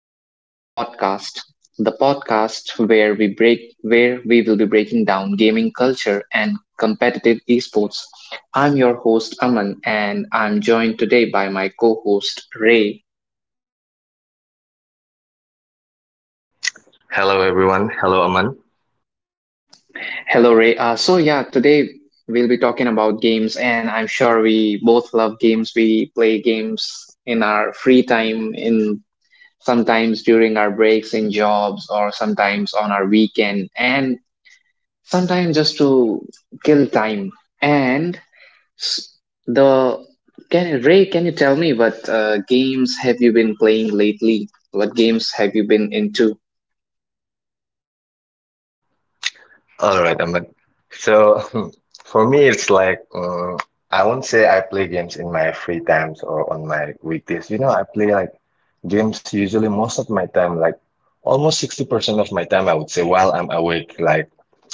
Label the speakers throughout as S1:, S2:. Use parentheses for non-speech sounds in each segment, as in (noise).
S1: welcome to our podcast, the podcast where we break where we will be breaking down gaming culture and competitive esports. I'm your host Aman and I'm joined today by my co-host Ray.
S2: Hello, everyone. Hello, Aman.
S1: Hello Ray. So yeah, today we'll be talking about games and I'm sure we both love games. We play games in our free time, in sometimes during our breaks in jobs, or sometimes on our weekend, and sometimes just to kill time. And s- the can Ray, can you tell me what games have you been playing lately? What games have you been into?
S2: All right, Ahmed. So (laughs) for me, it's like I won't say I play games in my free times or on my weekdays. You know, I play like games usually most of my time, like almost 60% of my time, I would say, while I'm awake. Like,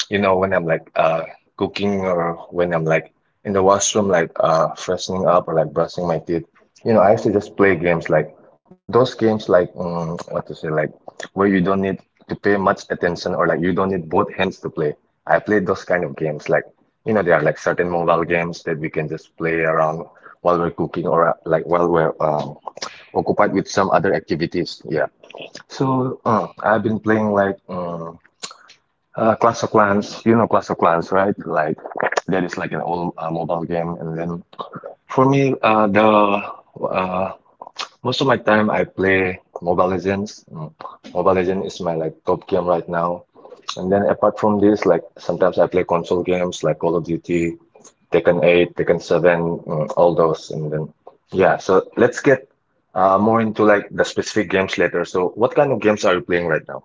S2: you know, when I'm like cooking or when I'm like in the washroom, like freshening up or like brushing my teeth. You know, I used to just play games like those games like what to say, like where you don't need to pay much attention or like you don't need both hands to play. I played those kind of games like you know there are like certain mobile games that we can just play around while we're cooking or like while we're occupied with some other activities. Yeah. So I've been playing like Clash of Clans. You know Clash of Clans, right? Like that is like an old mobile game. And then for me, the uh, most of my time I play Mobile Legends. Mobile Legends is my like top game right now. And then apart from this, like sometimes I play console games like Call of Duty, Tekken 8, Tekken 7, all those. And then yeah, so let's get more into like the specific games later. So what kind of games are you playing right now?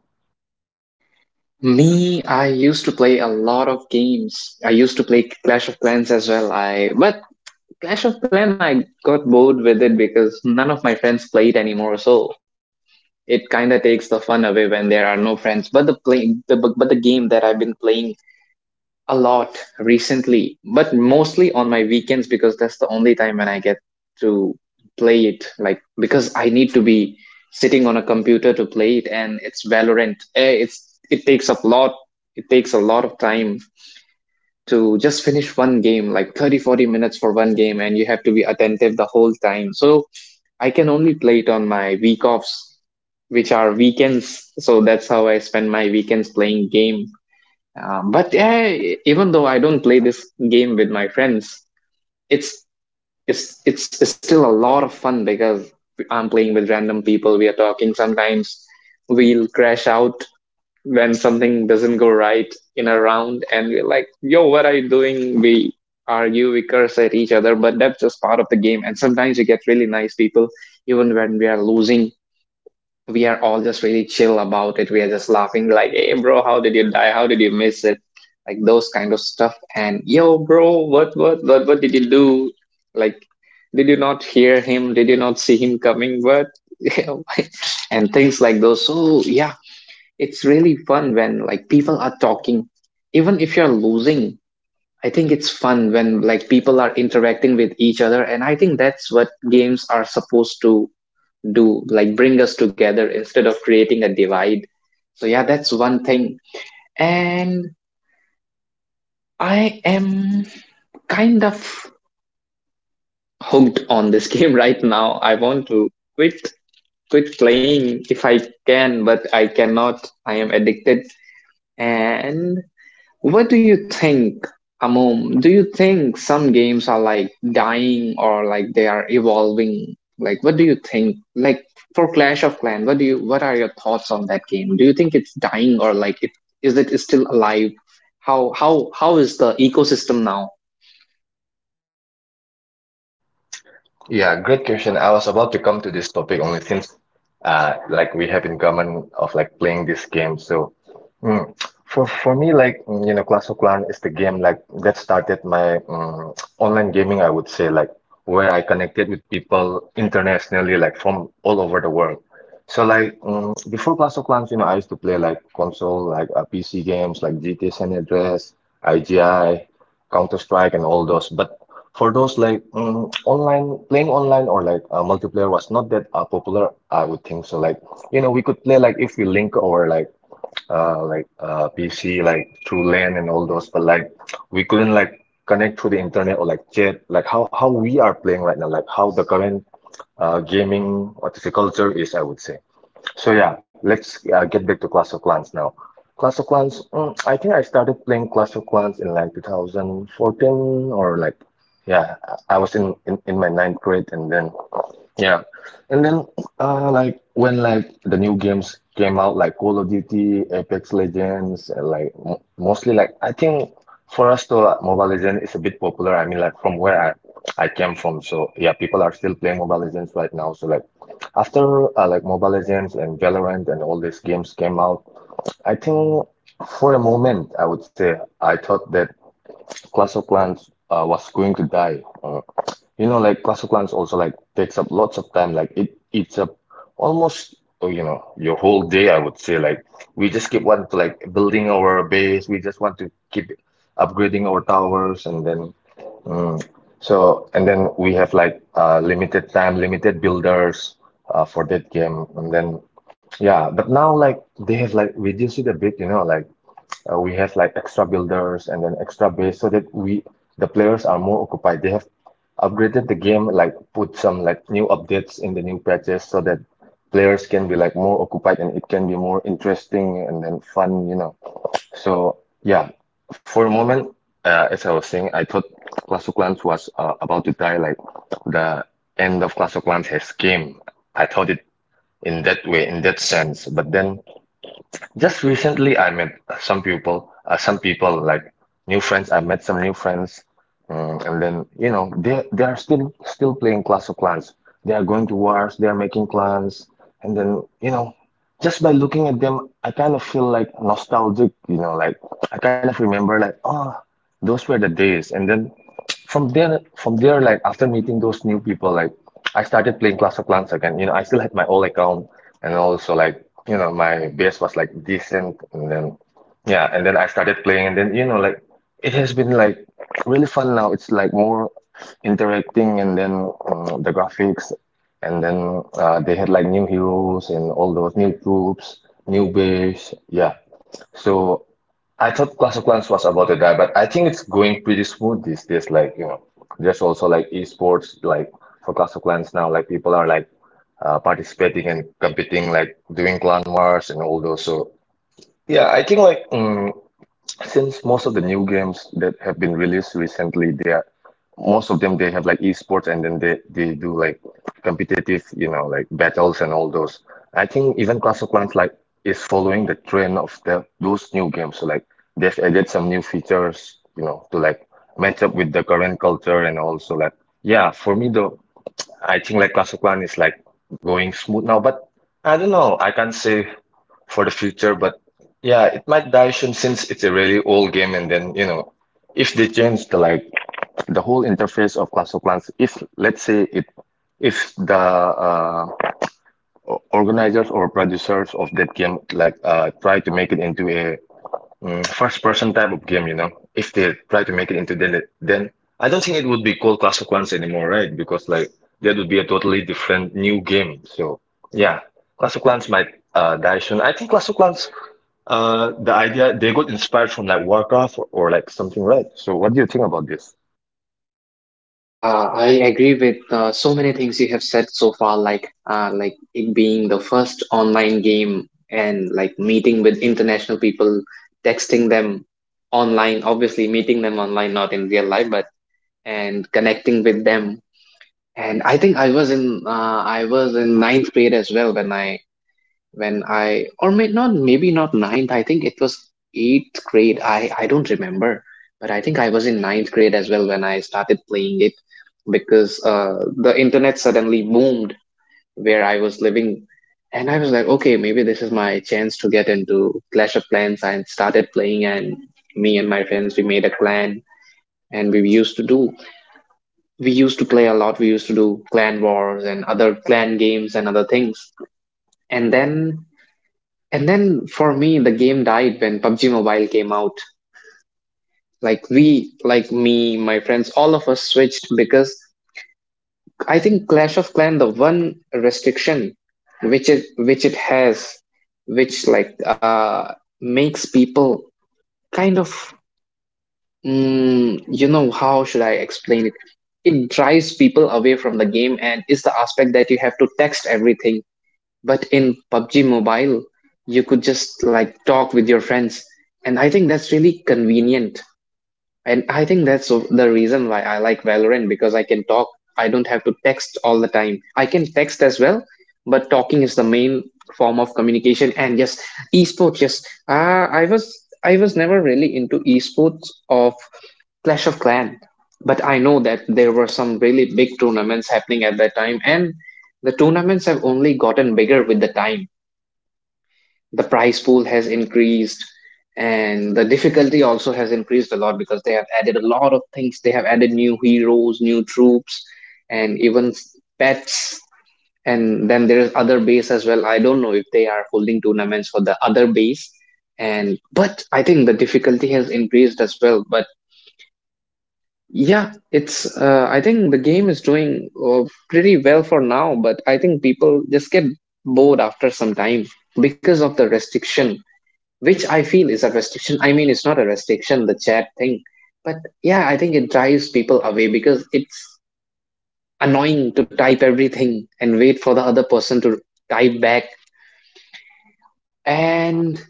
S1: Me, I used to play a lot of games. I used to play Clash of Clans as well. I but Clash of Clans, I got bored with it because none of my friends played anymore. So it kind of takes the fun away when there are no friends. But the game that I've been playing a lot recently, but mostly on my weekends because that's the only time when I get to play it. Like because I need to be sitting on a computer to play it, and it's Valorant. It's it takes a lot. It takes a lot of time to just finish one game, like 30-40 minutes for one game, and you have to be attentive the whole time. So I can only play it on my week offs, which are weekends. So that's how I spend my weekends playing game. But yeah, even though I don't play this game with my friends, it's it's it's still a lot of fun because I'm playing with random people. We are talking. Sometimes we'll crash out when something doesn't go right in a round, and we're like, "Yo, what are you doing?" We argue, we curse at each other, but that's just part of the game. And sometimes you get really nice people, even when we are losing we are all just really chill about it. We are just laughing like, "Hey, bro, how did you die? How did you miss it?" Like those kind of stuff. And yo, bro, what did you do? Like, did you not hear him? Did you not see him coming? What? (laughs) You know, (laughs) and things like those. So yeah, it's really fun when like people are talking, even if you're losing. I think it's fun when like people are interacting with each other, and I think that's what games are supposed to do, like bring us together instead of creating a divide. So yeah, that's one thing. And I am kind of hooked on this (laughs) game right now. I want to quit quit playing if I can, but I cannot. I am addicted. And what do you think, Amom? Do you think some games are like dying or like they are evolving? Like, what do you think? Like for Clash of Clans, what do you? What are your thoughts on that game? Do you think it's dying, or like it is it still alive? How is the ecosystem now?
S2: Yeah, great question. I was about to come to this topic only since like we have in common of like playing this game. So mm, for me like you know Clash of Clans is the game like that started my online gaming I would say like where I connected with people internationally like from all over the world. So like before Clash of Clans, you know, I used to play like console like PC games like GTA San Andreas, IGI. Counter Strike and all those. But for those like online playing online or like multiplayer was not that popular, I would think so. Like you know, we could play like if we link our like PC like through LAN and all those, but like we couldn't like connect through the internet or like chat. Like how we are playing right now, like how the current gaming what is the culture is, I would say. So yeah, let's get back to Clash of Clans now. Clash of Clans, I think I started playing Clash of Clans in like 2014 or like, yeah, I was in my ninth grade and then yeah. And then like when like the new games came out like Call of Duty, Apex Legends, and like mo mostly like I think for us to Mobile Legends is a bit popular. I mean like from where I came from. So yeah, people are still playing Mobile Legends right now. So like after like Mobile Legends and Valorant and all these games came out, I think for a moment I would say I thought that Clash of Clans was going to die. You know, like Clash of Clans also like takes up lots of time. Like it eats up almost oh, you know your whole day. I would say like we just keep wanting to like building our base. We just want to keep upgrading our towers and then mm, and then we have like limited time, limited builders for that game. And then yeah, but now like they have like reduced it a bit. You know, like we have like extra builders and then extra base so that we the players are more occupied. They have upgraded the game, like put some like new updates in the new patches so that players can be like more occupied and it can be more interesting and then fun, you know. So yeah, for a moment, as I was saying, I thought Clash of Clans was about to die, like the end of Clash of Clans has came. I thought it in that way, in that sense, but then just recently, I met some people like new friends. I met some new friends, and then you know they are still playing Clash of Clans. They are going to wars. They are making clans, and then you know, just by looking at them, I kind of feel like nostalgic. You know, like I kind of remember like those were the days. And then from there like after meeting those new people like I started playing Clash of Clans again. You know, I still had my old account, and also like you know my base was like decent and then yeah, and then I started playing, and then you know like it has been like really fun now. It's like more interacting, and then the graphics and then they had like new heroes and all those new troops, new base, yeah. So I thought Clash of Clans was about to die, but I think it's going pretty smooth these days. Like, you know, there's also like esports, like for Clash of Clans now, like people are like participating and competing, like doing clan wars and all those. So, yeah, I think like since most of the new games that have been released recently, they are most of them they have like esports and then they do like competitive you know like battles and all those. I think even Clash of Clans like is following the trend of the those new games, so like they've added some new features you know to like match up with the current culture, and also like yeah for me though I think like Clash of Clans is like going smooth now, but I don't know, I can't say for the future, but yeah, it might die soon since it's a really old game, and then you know if they change the like the whole interface of Clash of Clans, if let's say it, if the organizers or producers of that game like try to make it into a first person type of game, you know, if they try to make it into then it, then I don't think it would be called Clash of Clans anymore, right? Because like that would be a totally different new game. So yeah, Clash of Clans might die soon. I think Clash of Clans. The idea they got inspired from like Warcraft or like something, right? So, what do you think about this?
S1: I agree with so many things you have said so far, like it being the first online game and like meeting with international people, texting them online, obviously meeting them online, not in real life, but and connecting with them. And I think I was in ninth grade as well when I or may not maybe not ninth. I think it was eighth grade. I don't remember, but I think I was in ninth grade as well when I started playing it because the internet suddenly boomed where I was living, and I was like, okay, maybe this is my chance to get into Clash of Clans. I started playing, and me and my friends we made a clan. And we used to do, We used to play a lot. We used to do clan wars and other clan games and other things. And then and then for me, the game died when PUBG Mobile came out. Like we, like me, my friends, all of us switched because I think Clash of Clan the one restriction which it has, which like makes people kind of you know how should I explain it? It drives people away from the game, and is the aspect that you have to text everything. But in PUBG Mobile, you could just like talk with your friends. And I think that's really convenient. And I think the reason why I like Valorant, because I can talk. I don't have to text all the time. I can text as well, but talking is the main form of communication. And yes, esports. Yes, uh, I was I was never really into esports of Clash of Clan, but I know that there were some really big tournaments happening at that time, and the tournaments have only gotten bigger with the time. The price pool has increased and the difficulty also has increased a lot, because they have added a lot of things. They have added new heroes, new troops, and even pets, and then there is other base as well. I don't know if they are holding tournaments for the other base. And but I think the difficulty has increased as well. But yeah it's uh, I think the game is doing pretty well for now, but I think people just get bored after some time because of the restriction, which I feel is a restriction. I mean, it's not a restriction, the chat thing, but yeah, I think it drives people away because it's annoying to type everything and wait for the other person to type back. And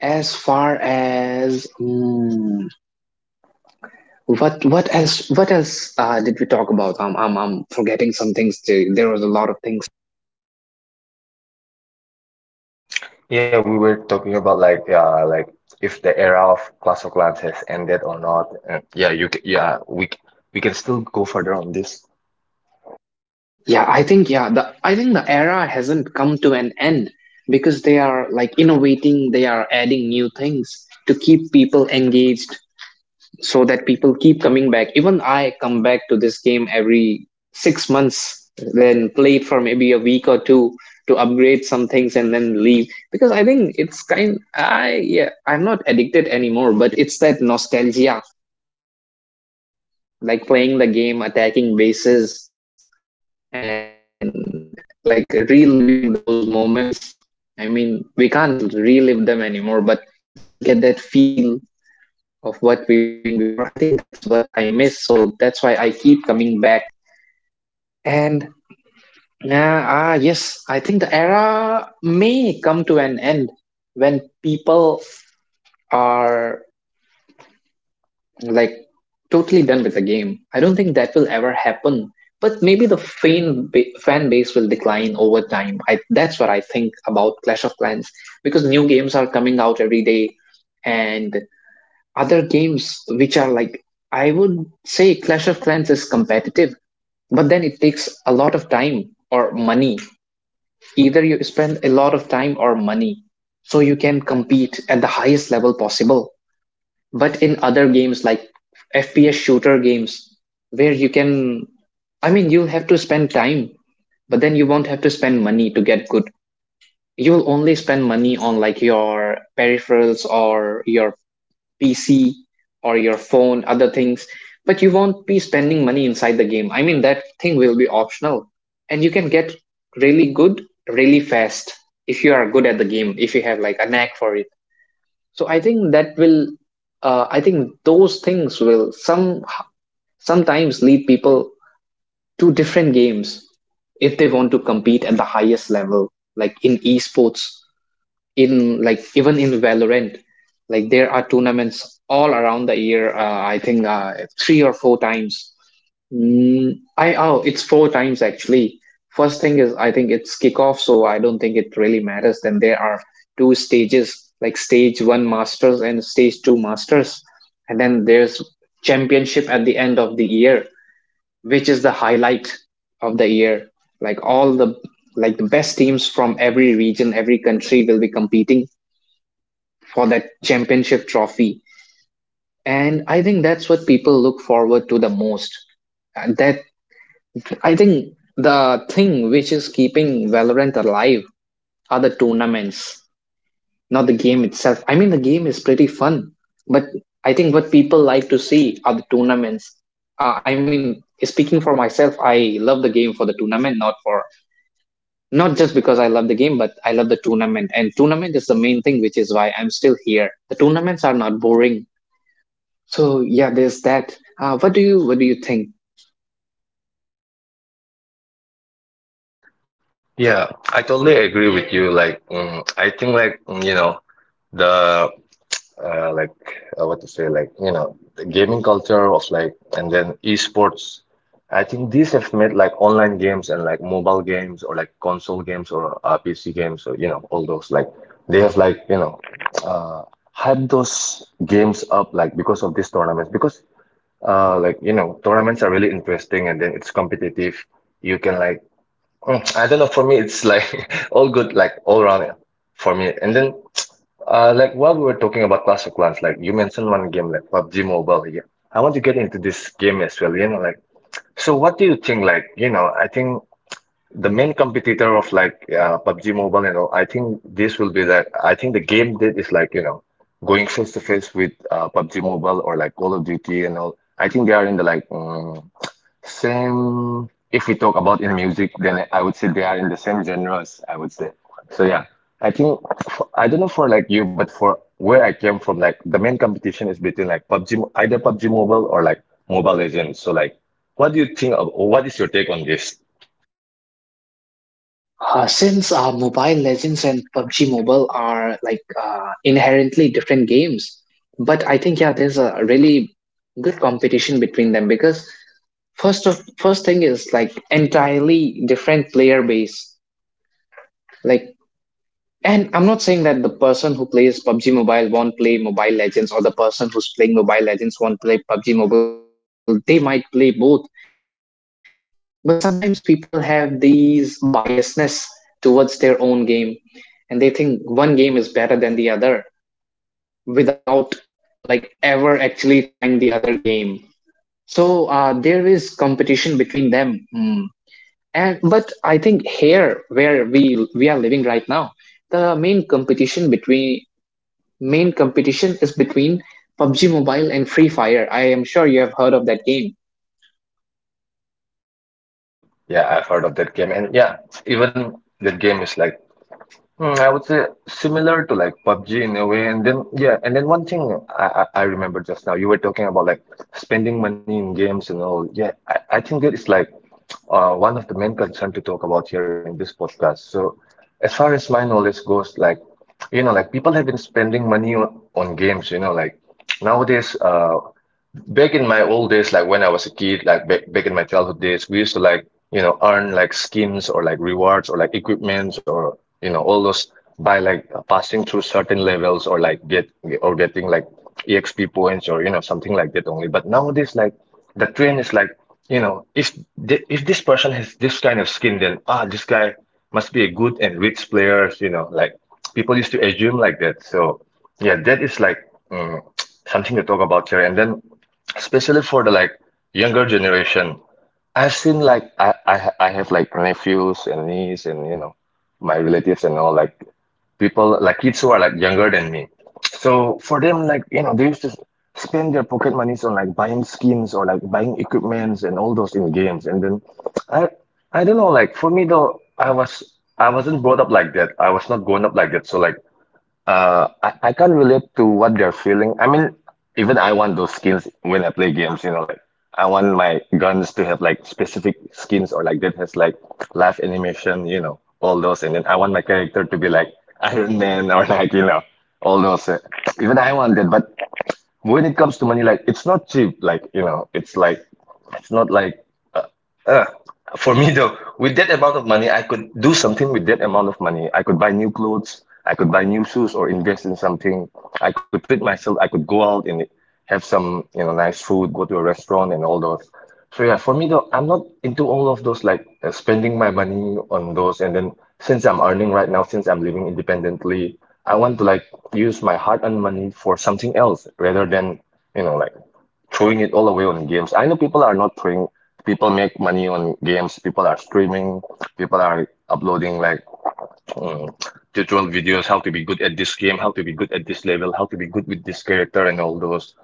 S1: as far as what else did we talk about? I'm forgetting some things. Too. There was a lot of things.
S2: Yeah, we were talking about like yeah, like if the era of Clash of Clans has ended or not. And yeah, you can, yeah, we can still go further on this.
S1: Yeah, I think yeah, the I think the era hasn't come to an end because they are like innovating, they are adding new things to keep people engaged so that people keep coming back. Even I come back to this game every 6 months, then play it for maybe a week or two to upgrade some things and then leave, because I think it's kind I yeah, I'm not addicted anymore, but it's that nostalgia, like playing the game, attacking bases and like reliving those moments. I mean, we can't relive them anymore, but just to get that feel of what we were doing before, I think that's what I miss. So that's why I keep coming back. And yeah, ah, yes, I think the era may come to an end when people are like totally done with the game. I don't think that will ever happen. But maybe the fan base will decline over time. That's what I think about Clash of Clans, because new games are coming out every day, and other games which are like I would say Clash of Clans is competitive, but then it takes a lot of time or money. Either you spend a lot of time or money, so you can compete at the highest level possible. But in other games like FPS shooter games, where you can I mean you'll have to spend time, but then you won't have to spend money to get good. You'll only spend money on like your peripherals or your PC or your phone, other things. But you won't be spending money inside the game. I mean, that thing will be optional. And you can get really good really fast if you are good at the game, if you have like a knack for it. So I think that will I think those things will some sometimes lead people to different games if they want to compete at the highest level, like in esports. In like even in Valorant, like there are tournaments all around the year. I think three or four times. It's four times actually. First thing is I think it's kickoff, so I don't think it really matters. Then there are two stages, like stage one masters and stage two masters, and then there's championship at the end of the year, which is the highlight of the year. Like all the like the best teams from every region, every country will be competing for that championship trophy. And I think that's what people look forward to the most. And that I think the thing which is keeping Valorant alive are the tournaments, not the game itself. I mean, the game is pretty fun, but I think what people like to see are the tournaments. I mean, speaking for myself, I love the game for the tournament, not just because I love the game, but I love the tournament. And tournament is the main thing, which is why I'm still here. The tournaments are not boring. So yeah, there's that. What do you what do you think?
S2: Yeah, I totally agree with you. Like, I think like you know the like what to say, like you know, the gaming culture of like, and then esports. I think these have made like online games and like mobile games or like console games or PC games or you know all those like they have like you know uh, hyped those games up like because of these tournaments because like you know tournaments are really interesting and then it's competitive. You can like I don't know. For me, it's like (laughs) all good, like all around for me. And then, (tsk) like while we were talking about Clash of Clans, like you mentioned one game, like PUBG Mobile. Yeah, I want to get into this game as well. You know, like so, what do you think? Like, you know, I think the main competitor of like PUBG Mobile, you know, I think this will be like I think the game that is like you know going face to face with PUBG Mobile or like Call of Duty and all. I think they are in the like same, if we talk about in music, then I would say they are in the same genres, I would say. So yeah, I think for, I don't know for like you, but for where I came from, like the main competition is between like either PUBG Mobile or like Mobile Legends. So like, what do you think of, or what is your take on this?
S1: Since Mobile Legends and PUBG Mobile are like inherently different games, but I think yeah, there's a really good competition between them because first thing is like entirely different player base. Like, and I'm not saying that the person who plays PUBG Mobile won't play Mobile Legends or the person who's playing Mobile Legends won't play PUBG Mobile. They might play both, but sometimes people have these biasness towards their own game and they think one game is better than the other without like ever actually trying the other game, so there is competition between them. Hmm. And but I think here where we are living right now, the main competition between main competition is between PUBG Mobile and Free Fire. I am sure you have heard of that game.
S2: Yes, obviously, yeah, I've heard of that game, and yeah, even that game is like I would say similar to like PUBG in a way, and then yeah, and then one thing I remember just now you were talking about like spending money in games and all. Yeah, I think that is like one of the main concern to talk about here in this podcast. So as far as my knowledge goes, like you know, like people have been spending money on games. You know, like nowadays, back in my old days, like when I was a kid, like back in my childhood days, we used to like, you know, earn like skins or like rewards or like equipments or, you know, all those by like passing through certain levels or like get or getting like EXP points or, you know, something like that only. But nowadays, like the trend is like, you know, if if this person has this kind of skin, then ah, this guy must be a good and rich player, you know, like people used to assume like that. So yeah, that is like mm, something to talk about here. And then especially for the like younger generation. I've seen like I have like nephews and niece and you know my relatives and all like people like kids who are like younger than me. So for them like you know they used to spend their pocket monies on like buying skins or like buying equipments and all those in games. And then I I don't know like for me though I was, I wasn't brought up like that. I was not grown up like that. So like I can't relate to what they're feeling. I mean, even I want those skins when I play games, you know, like I want my guns to have like specific skins or like that has like live animation, you know, all those. And then I want my character to be like (laughs) Iron Man or like, you know, all those. Even I want that. But when it comes to money, like it's not cheap. Like, you know, it's like, it's not like uh, for me though, with that amount of money, I could do something with that amount of money. I could buy new clothes, I could buy new shoes or invest in something. I could treat myself, I could go out and have some, you know, nice food, go to a restaurant and all those. So yeah, for me though, I'm not into all of those like spending my money on those. And then since I'm earning right now, since I'm living independently, I want to like use my hard-earned money for something else rather than, you know, like throwing it all away on games. I know people are not throwing, people make money on games, people are streaming, people are uploading like um, tutorial videos, how to be good at this game, how to be good at this level, how to be good with this character and all those.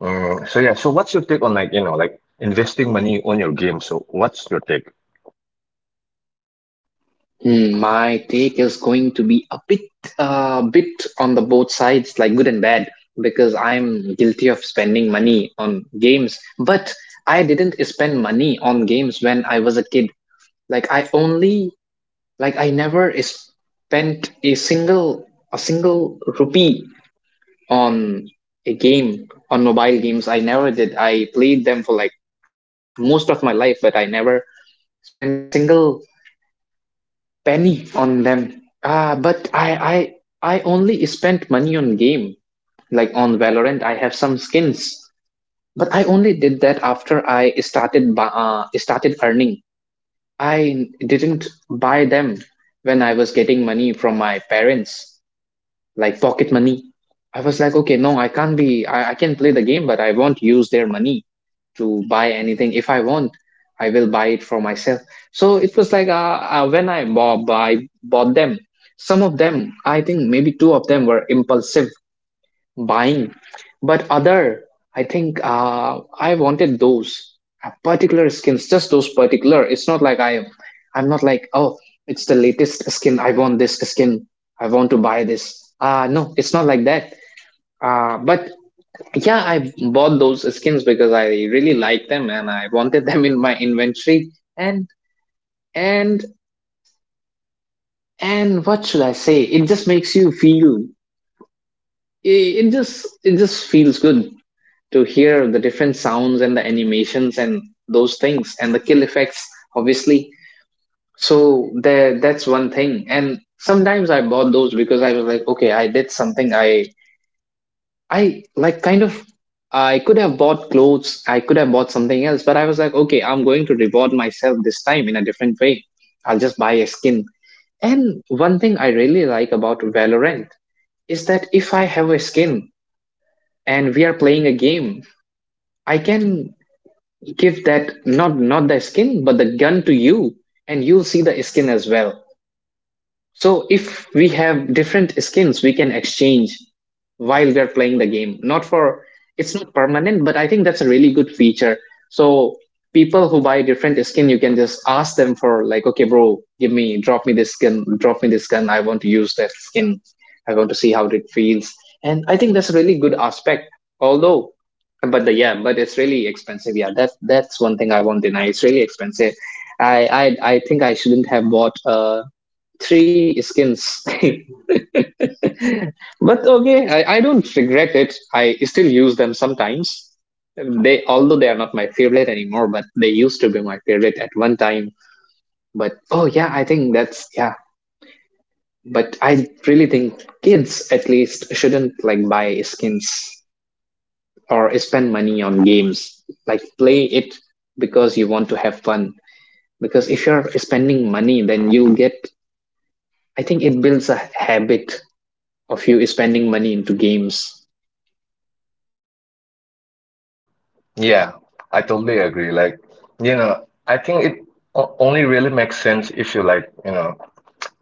S2: So yeah, so what's your take on like, you know, like investing money on your game? So what's your take?
S1: Hmm, my take is going to be a bit, bit on the both sides, like good and bad, because I'm guilty of spending money on games. But I didn't spend money on games when I was a kid. Like I only, like I never spent a single rupee on a game, on mobile games. I never did. I played them for like most of my life, but I never spent a single penny on them. Ah, but I only spent money on game. Like on Valorant, I have some skins, but I only did that after I started started earning. I didn't buy them when I was getting money from my parents, like pocket money. I was like, okay, no, I can't be, I can play the game, but I won't use their money to buy anything. If I want, I will buy it for myself. So it was like when I bought them, some of them, I think maybe two of them were impulsive buying, but other, I think I wanted those particular skins, just those particular. It's not like I'm not like, oh, it's the latest skin, I want this skin, I want to buy this. No, it's not like that. But yeah, I bought those skins because I really like them and I wanted them in my inventory. And and and what should I say, it just makes you feel, it just it just feels good to hear the different sounds and the animations and those things and the kill effects, obviously. So there, that's one thing. And sometimes I bought those because I was like, okay, I did something, I kind of, I could have bought clothes, I could have bought something else, but I was like, okay, I'm going to reward myself this time in a different way, I'll just buy a skin. And one thing I really like about Valorant is that if I have a skin and we are playing a game, I can give that, not the skin but the gun to you, and you'll see the skin as well. So if we have different skins, we can exchange while we are playing the game. Not for It's not permanent, but I think that's a really good feature. So people who buy different skin, you can just ask them for, like, okay, bro, give me, drop me this skin, drop me this skin. I want to use that skin. I want to see how it feels. And I think that's a really good aspect. Although, but the yeah, but it's really expensive. Yeah, that that's one thing I won't deny. It's really expensive. I I think I shouldn't have bought a three skins. (laughs) But okay, I don't regret it. I still use them sometimes. They, although they are not my favorite anymore, but they used to be my favorite at one time. But oh yeah, I think that's yeah. But I really think kids at least shouldn't like buy skins or spend money on games. Like play it because you want to have fun. Because if you're spending money, then you will get. I think it builds a habit of you spending money into games.
S2: Yeah, I totally agree. Like, you know, I think it only really makes sense if you like, you know,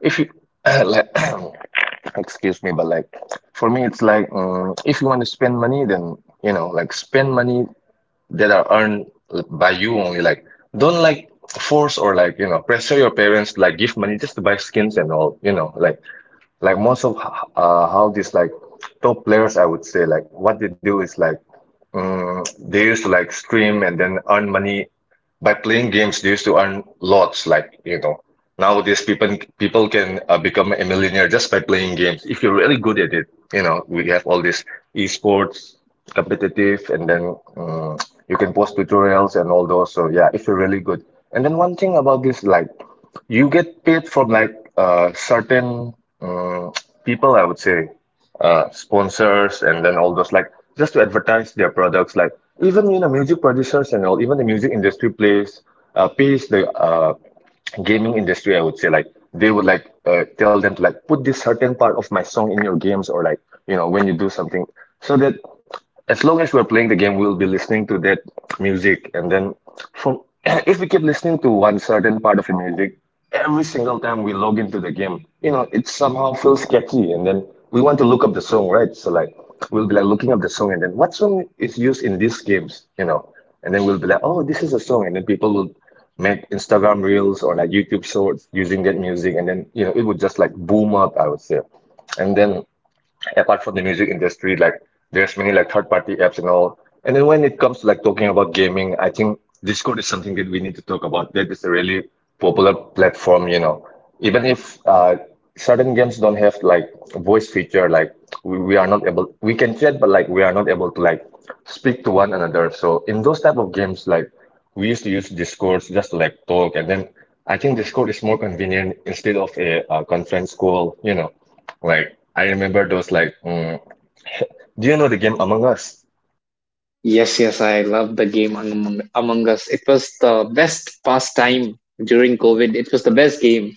S2: if you (clears throat) like, (coughs) (clears throat) excuse me, but like for me, it's like if you want to spend money, then you know, like spend money that are earned by you only. Like don't like force or like you know pressure your parents to, like give money just to buy skins and all. You know, like most of how these like top players I would say like what they do is like they used to like stream and then earn money by playing games. They used to earn lots like you know nowadays people can become a millionaire just by playing games if you're really good at it. You know we have all this esports competitive and then you can post tutorials and all those. So yeah, if you're really good. And then one thing about this like you get paid from like certain um, people, I would say, sponsors, and then all those like just to advertise their products. Like even you know music producers and all, even the music industry plays pays the gaming industry. I would say like they would like tell them to like put this certain part of my song in your games or like you know when you do something so that as long as we're playing the game, we'll be listening to that music. And then from (clears throat) if we keep listening to one certain part of the music every single time we log into the game, you know, it somehow feels catchy. And then we want to look up the song, right? So like we'll be like looking up the song and then what song is used in these games, you know? And then we'll be like, oh, this is a song. And then people will make Instagram reels or like YouTube shorts using that music. And then, you know, it would just like boom up, I would say. And then apart from the music industry, like there's many like third party apps and all. And then when it comes to like talking about gaming, I think Discord is something that we need to talk about. That is a really popular platform, you know. Even if certain games don't have like voice feature, like we are not able, we can chat, but like we are not able to like speak to one another. So in those type of games, like we used to use Discord just to like talk. And then I think Discord is more convenient instead of a, conference call, you know. Like I remember those like do you know the game Among Us?
S1: Yes, yes, I love the game Among Us. It was the best pastime during COVID. It was the best game.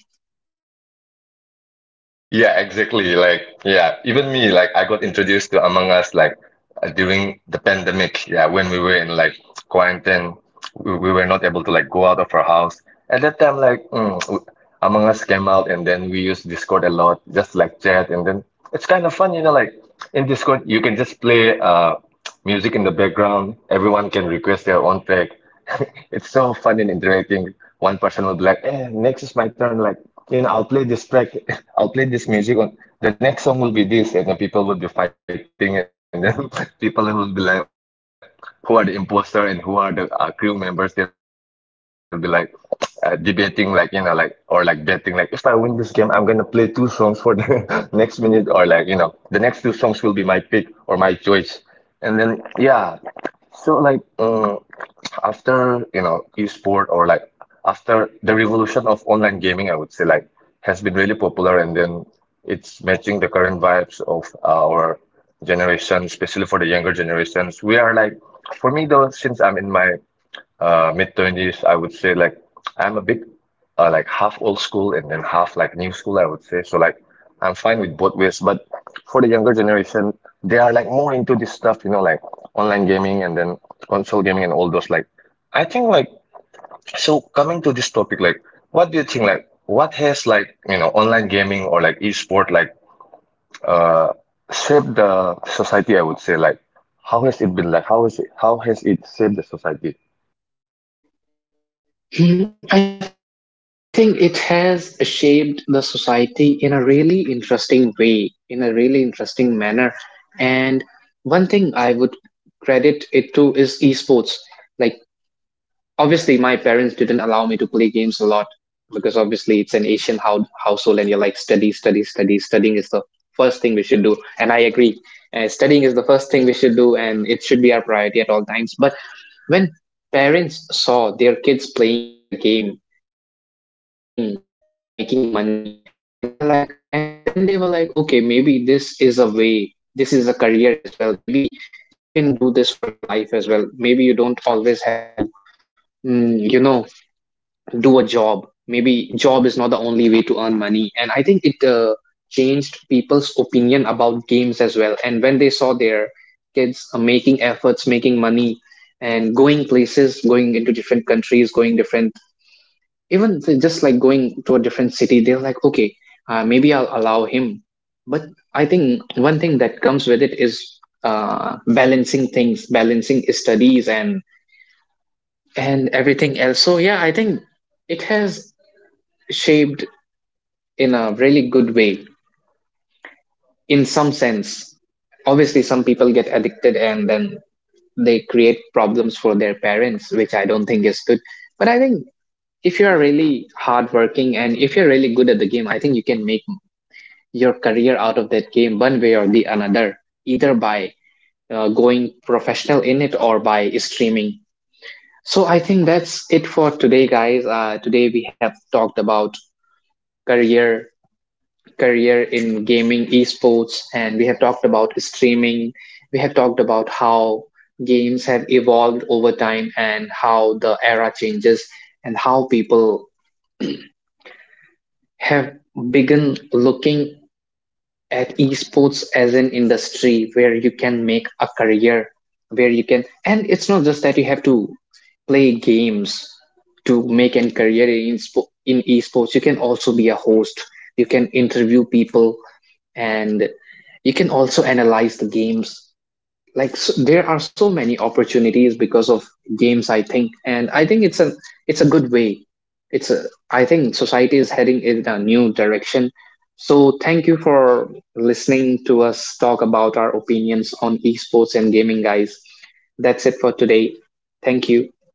S2: Yeah, exactly. Like yeah, even me like I got introduced to Among Us like during the pandemic. Yeah, when we were in like quarantine, we were not able to like go out of our house. At that time, like Among Us came out, and then we used Discord a lot, just like chat, and then it's kind of fun, you know. Like in Discord, you can just play music in the background. Everyone can request their own track. (laughs) It's so fun and interacting. One person will be like, eh, next is my turn. Like, you know, I'll play this track. (laughs) I'll play this music. On the next song will be this, and then people will be fighting, and then (laughs) people will be like, who are the imposter and who are the crew members? They'll be like (tsk) debating, like you know, like or like betting, like if I win this game, I'm gonna play two songs for the (laughs) next minute, or like you know, the next two songs will be my pick or my choice, and then yeah. So like. After you know esport or like after the revolution of online gaming I would say like has been really popular. And then it's matching the current vibes of our generation, especially for the younger generations we are like. For me though, since I'm in my mid twenties, I would say like I'm a bit like half old school and then half like new school, I would say. So like I'm fine with both ways, but for the younger generation, they are like more into this stuff, you know, like online gaming and then console gaming and all those. Like I think like so coming to this topic, like what do you think like what has like you know online gaming or like esport like uh shaped the society, I would say like how has it been like how is it how has it shaped the society?
S1: Hmm, I think it has shaped the society in a really interesting way, in a really interesting manner. And one thing I would credit it to is esports. Like obviously my parents didn't allow me to play games a lot, because obviously it's an Asian household and you're like study study studying is the first thing we should do, and I agree. Studying is the first thing we should do and it should be our priority at all times. But when parents saw their kids playing a game and earning and making money, and then they were like, okay, maybe this is a way, this is a career as well, maybe you can do this for your life as well, maybe you don't always have to, you know, do a job, maybe job is not the only way to earn money. And I think it changed people's opinion about games as well. And when they saw their kids making efforts, making money, and going places, going into different countries, going different, even just like going to a different city, they're like, okay, maybe I'll allow him. But I think one thing that comes with it is balancing things, balancing studies and everything else. So yeah, I think it has shaped in a really good way in some sense. Obviously, some people get addicted and then they create problems for their parents, which I don't think is good. But I think if you are really hardworking and if you're really good at the game, I think you can make your career out of that game one way or the another, either by going professional in it or by streaming. So I think that's it for today, guys. Today we have talked about career career in gaming esports, and we have talked about streaming, we have talked about how games have evolved over time and how the era changes, and how people have begun looking at esports as an industry where you can make a career, where you can, and it's not just that you have to play games to make a career in, in esports. You can also be a host, you can interview people, and you can also analyze the games. Like s There are so many opportunities because of games, I think. And I think it's a good way, it's a I think society is heading in a new direction. So thank you for listening to us talk about our opinions on esports and gaming, guys. That's it for today. Thank you.